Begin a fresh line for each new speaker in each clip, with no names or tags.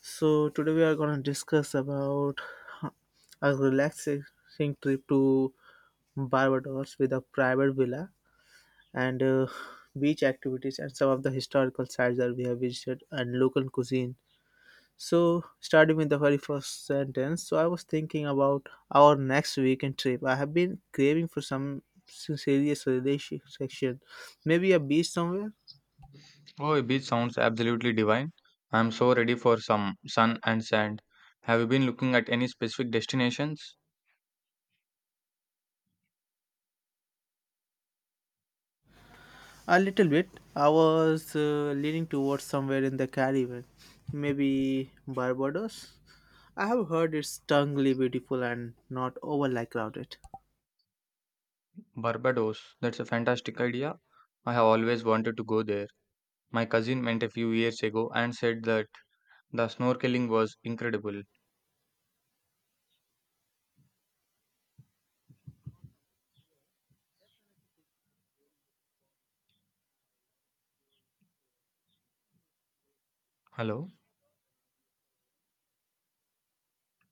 So today we are going to discuss about huh, a relaxing trip to Barbados with a private villa and beach activities and some of the historical sites that we have visited and local cuisine. So starting with the very first sentence, so I was thinking about our next weekend trip. I have been craving for some serious relaxation, maybe a beach somewhere.
Oh, a beach sounds absolutely divine. I'm so ready for some sun and sand. Have you been looking at any specific destinations?
A little bit. I was leaning towards somewhere in the Caribbean, maybe Barbados. I have heard it's stuningly beautiful and not overly crowded.
Barbados, that's a fantastic idea. I have always wanted to go there. My cousin went a few years ago and said that the snorkeling was incredible. Hello?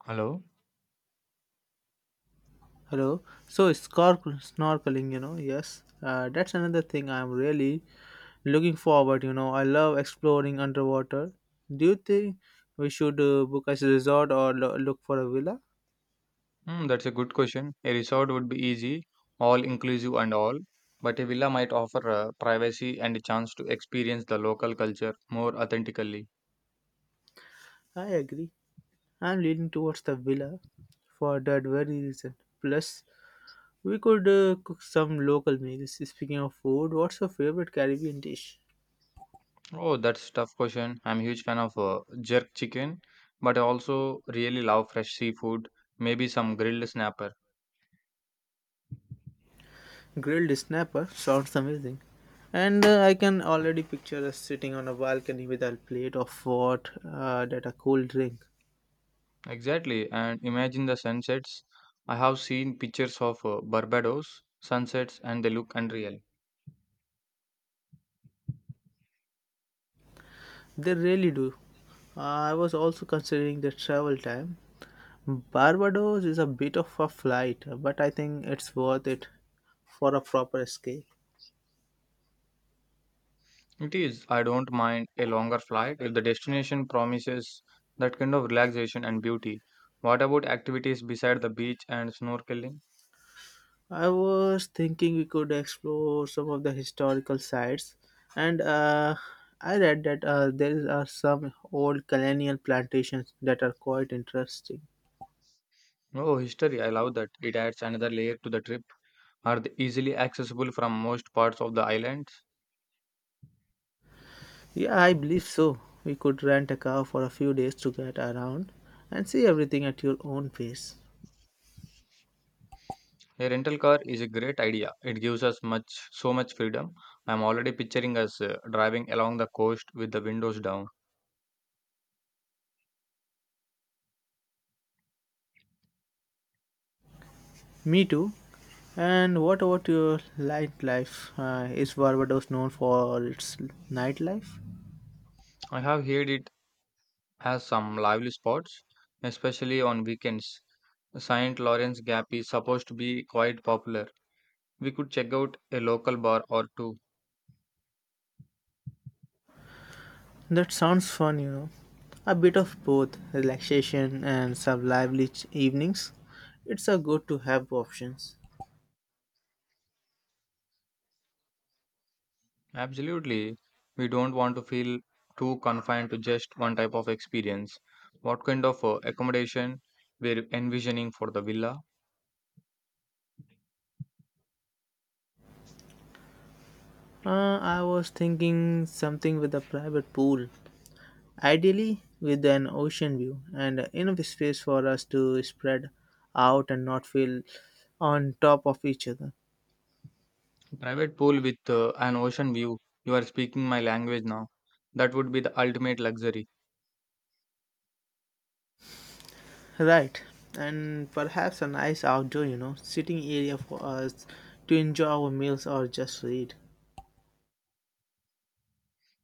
Hello?
Hello. So snorkeling, yes, that's another thing I'm really looking forward. I love exploring underwater. Do you think we should book a resort or look for a villa?
Hmm, that's a good question. A resort would be easy, all inclusive and all, but a villa might offer privacy and a chance to experience the local culture more authentically.
I agree. I'm leaning towards the villa for that very reason. Plus, we could cook some local meals. Speaking of food, what's your favorite Caribbean dish?
Oh, that's a tough question. I'm a huge fan of jerk chicken, but I also really love fresh seafood, maybe some grilled snapper.
Grilled snapper sounds amazing. And I can already picture us sitting on a balcony with a plate of what that a cold drink.
Exactly. And imagine the sunsets. I have seen pictures of Barbados sunsets and they look unreal.
They really do. I was also considering the travel time. Barbados is a bit of a flight, but I think it's worth it for a proper escape.
It is. I don't mind a longer flight if the destination promises that kind of relaxation and beauty. What about activities beside the beach and snorkeling?
I was thinking we could explore some of the historical sites, and I read that there are some old colonial plantations that are quite interesting.
Oh, history. I love that. It adds another layer to the trip. Are they easily accessible from most parts of the island?
Yeah, I believe so. We could rent a car for a few days to get around and see everything at your own pace.
A rental car is a great idea. It gives us much so much freedom. I'm already picturing us driving along the coast with the windows down.
Me too. And what about your nightlife? Is Barbados known for its nightlife?
I have heard it has some lively spots, especially on weekends. Saint Lawrence Gap is supposed to be quite popular. We could check out a local bar or two.
That sounds fun, A bit of both relaxation and some lively evenings. It's a good to have options.
Absolutely. We don't want to feel too confined to just one type of experience. What kind of accommodation we're envisioning for the villa?
I was thinking something with a private pool, ideally with an ocean view and enough space for us to spread out and not feel on top of each other.
Private pool with an ocean view. You are speaking my language now. That would be the ultimate luxury.
Right, and perhaps a nice outdoor, sitting area for us to enjoy our meals or just read.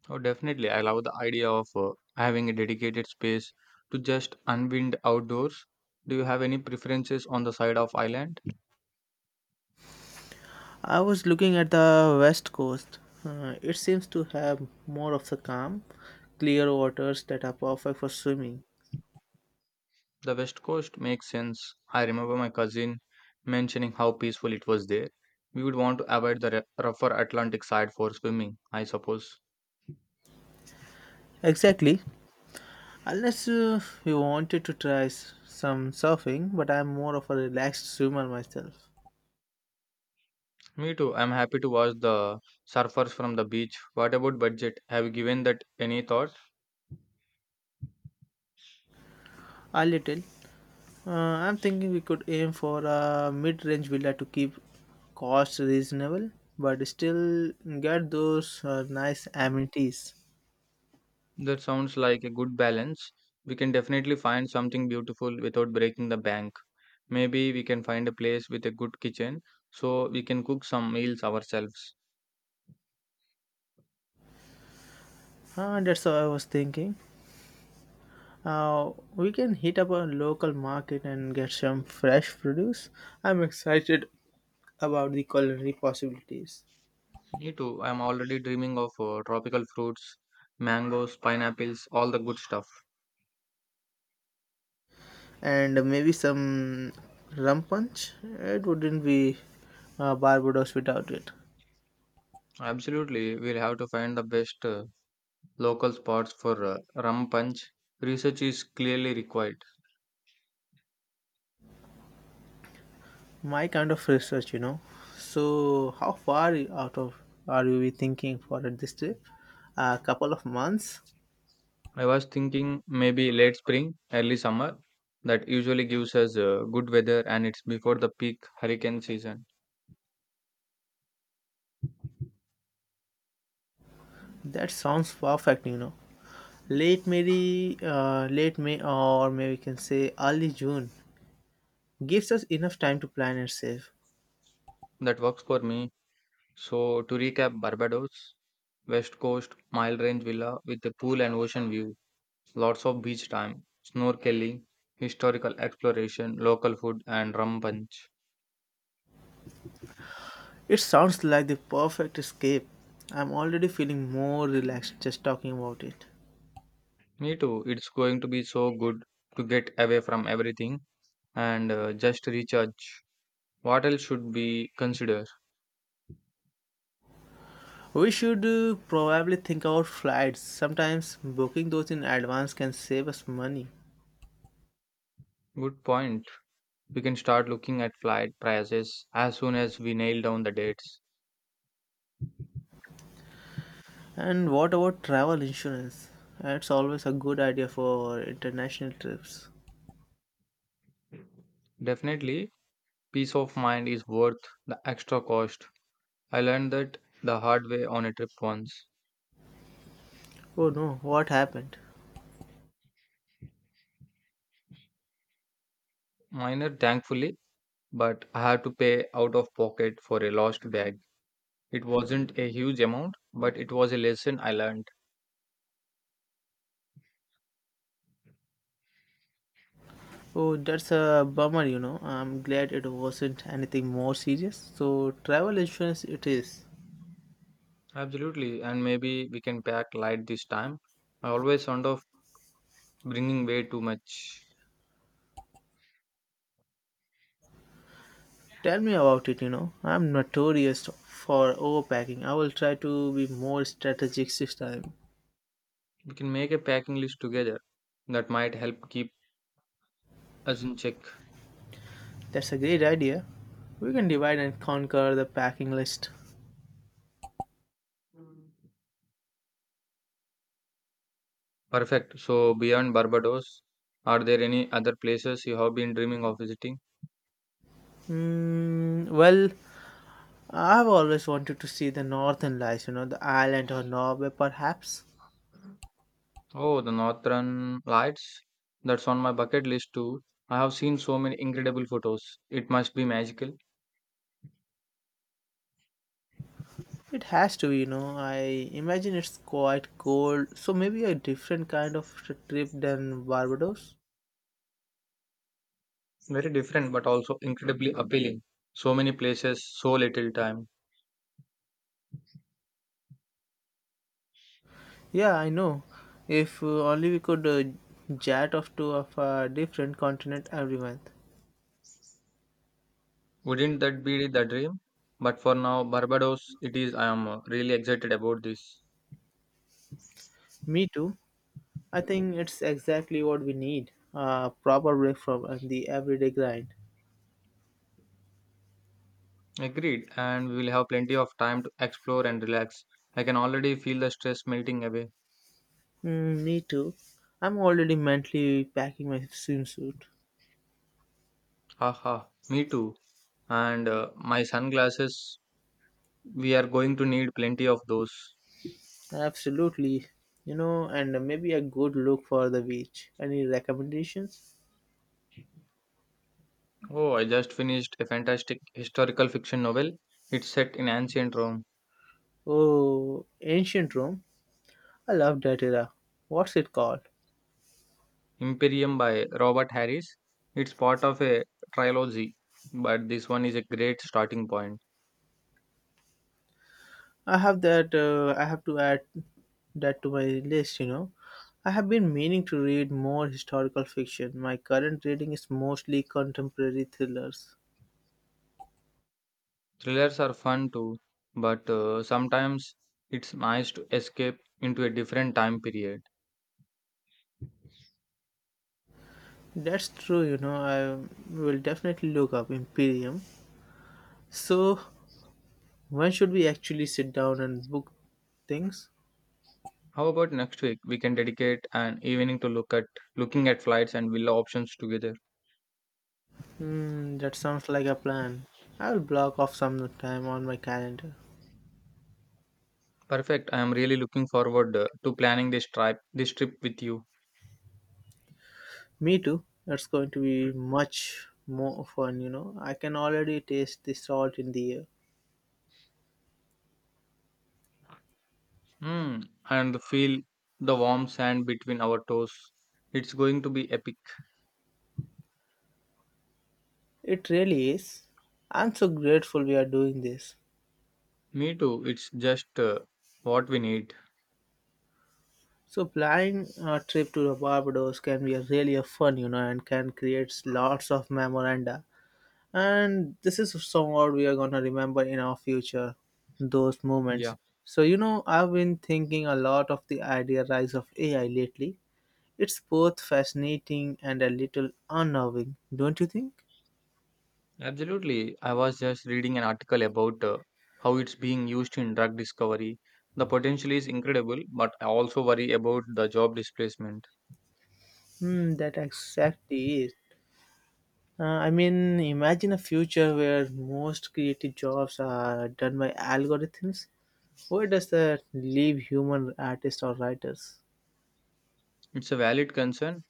Oh, definitely. I love the idea of having a dedicated space to just unwind outdoors. Do you have any preferences on the side of island?
I was looking at the west coast. It seems to have more of the calm, clear waters that are perfect for swimming.
The West Coast makes sense. I remember my cousin mentioning how peaceful it was there. We would want to avoid the rougher Atlantic side for swimming, I suppose.
Exactly. Unless you wanted to try some surfing, but I'm more of a relaxed swimmer myself.
Me too. I'm happy to watch the surfers from the beach. What about budget? Have you given that any thought?
A little. I'm thinking we could aim for a mid-range villa to keep costs reasonable, but still get those nice amenities.
That sounds like a good balance. We can definitely find something beautiful without breaking the bank. Maybe we can find a place with a good kitchen so we can cook some meals ourselves.
That's what I was thinking. We can hit up a local market and get some fresh produce. I'm excited about the culinary possibilities.
Me too. I'm already dreaming of tropical fruits, mangoes, pineapples, all the good stuff.
And maybe some rum punch. It wouldn't be Barbados without it.
Absolutely, we'll have to find the best local spots for rum punch. Research is clearly required.
My kind of research, So, how far out of are we thinking for this trip? A couple of months?
I was thinking maybe late spring, early summer. That usually gives us good weather and it's before the peak hurricane season.
That sounds perfect, Late May, or maybe we can say early June. Gives us enough time to plan and save.
That works for me. So, to recap, Barbados, West Coast, Mile Range Villa with a pool and ocean view. Lots of beach time, snorkeling, historical exploration, local food, and rum punch.
It sounds like the perfect escape. I'm already feeling more relaxed just talking about it.
Me too. It's going to be so good to get away from everything and just recharge. What else should we consider?
We should probably think about flights. Sometimes booking those in advance can save us money.
Good point. We can start looking at flight prices as soon as we nail down the dates.
And what about travel insurance? That's always a good idea for international trips.
Definitely, peace of mind is worth the extra cost. I learned that the hard way on a trip once.
Oh no, what happened?
Minor, thankfully, but I had to pay out of pocket for a lost bag. It wasn't a huge amount, but it was a lesson I learned.
Oh, that's a bummer, I'm glad it wasn't anything more serious. So, travel insurance it is.
Absolutely, and maybe we can pack light this time. I always sound of bringing way too much.
Tell me about it. I'm notorious for overpacking. I will try to be more strategic this time.
We can make a packing list together. That might help keep us in check.
That's a great idea. We can divide and conquer the packing list.
Perfect. So, beyond Barbados, are there any other places you have been dreaming of visiting?
Mm, well, I've always wanted to see the northern lights, the island or Norway perhaps.
Oh, the Northern Lights. That's on my bucket list too. I have seen so many incredible photos. It must be magical.
It has to, be. I imagine it's quite cold, so maybe a different kind of trip than Barbados.
Very different, but also incredibly appealing. So many places, so little time.
Yeah, I know. If only we could chat off to of a different continent every month.
Wouldn't that be the dream? But for now, Barbados, it is. I am really excited about this.
Me too. I think it's exactly what we need. A proper break from the everyday grind.
Agreed, and we will have plenty of time to explore and relax. I can already feel the stress melting away.
Mm, me too. I'm already mentally packing my swimsuit.
Haha, me too. And my sunglasses, we are going to need plenty of those.
Absolutely. And maybe a good look for the beach. Any recommendations?
Oh, I just finished a fantastic historical fiction novel. It's set in ancient Rome.
Oh, ancient Rome. I love that era. What's it called?
Imperium by Robert Harris. It's part of a trilogy, but this one is a great starting point.
I have that. I have to add that to my list. I have been meaning to read more historical fiction. My current reading is mostly contemporary thrillers.
Thrillers are fun too, but sometimes it's nice to escape into a different time period.
That's true. I will definitely look up Imperium. So, when should we actually sit down and book things?
How about next week? We can dedicate an evening to looking at flights and villa options together.
Hmm, that sounds like a plan. I will block off some time on my calendar.
Perfect. I am really looking forward to planning this trip with you.
Me too. It's going to be much more fun. I can already taste the salt in the air.
Hmm. And feel the warm sand between our toes. It's going to be epic.
It really is. I'm so grateful we are doing this.
Me too. It's just what we need.
So planning a trip to Barbados can be a really a fun, and can create lots of memoranda. And this is somewhat we are gonna remember in our future, those moments.
Yeah,
So I've been thinking a lot of the idea rise of AI lately. It's both fascinating and a little unnerving, don't you think?
absolutely. I was just reading an article about how it's being used in drug discovery. The potential is incredible, but I also worry about the job displacement.
Hmm, that exactly is. Uh, I mean, imagine a future where most creative jobs are done by algorithms. Where does that leave human artists or writers?
It's a valid concern.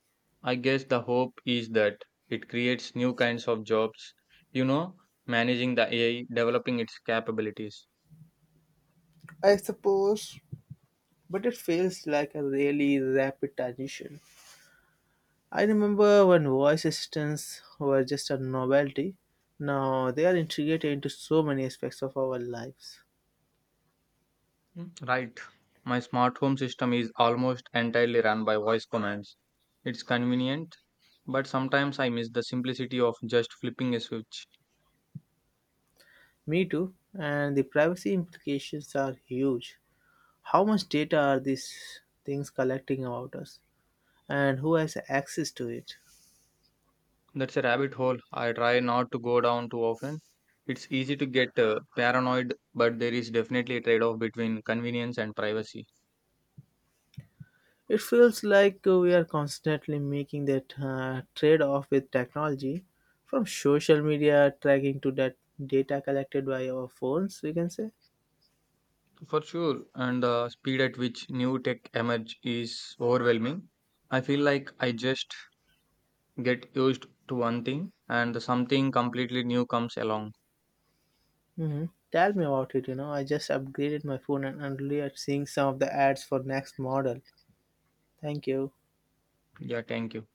I guess the hope is that it creates new kinds of jobs, you know, managing the AI, developing its capabilities.
I suppose, but it feels like a really rapid transition. I remember when voice assistants were just a novelty. Now they are integrated into so many aspects of our lives.
Mm, right. My smart home system is almost entirely run by voice commands. It's convenient, but sometimes I miss the simplicity of just flipping a switch.
Me too, and the privacy implications are huge. How much data are these things collecting about us? And who has access to it?
That's a rabbit hole I try not to go down too often. It's easy to get paranoid, but there is definitely a trade off between convenience and privacy.
It feels like we are constantly making that trade off with technology from social media tracking to that data collected by our phones, we can say.
For sure, and the speed at which new tech emerge is overwhelming. I feel like I just get used to one thing and something completely new comes along.
Hmm, tell me about it. I just upgraded my phone and only at seeing some of the ads for next model. Thank you.
Yeah, thank you.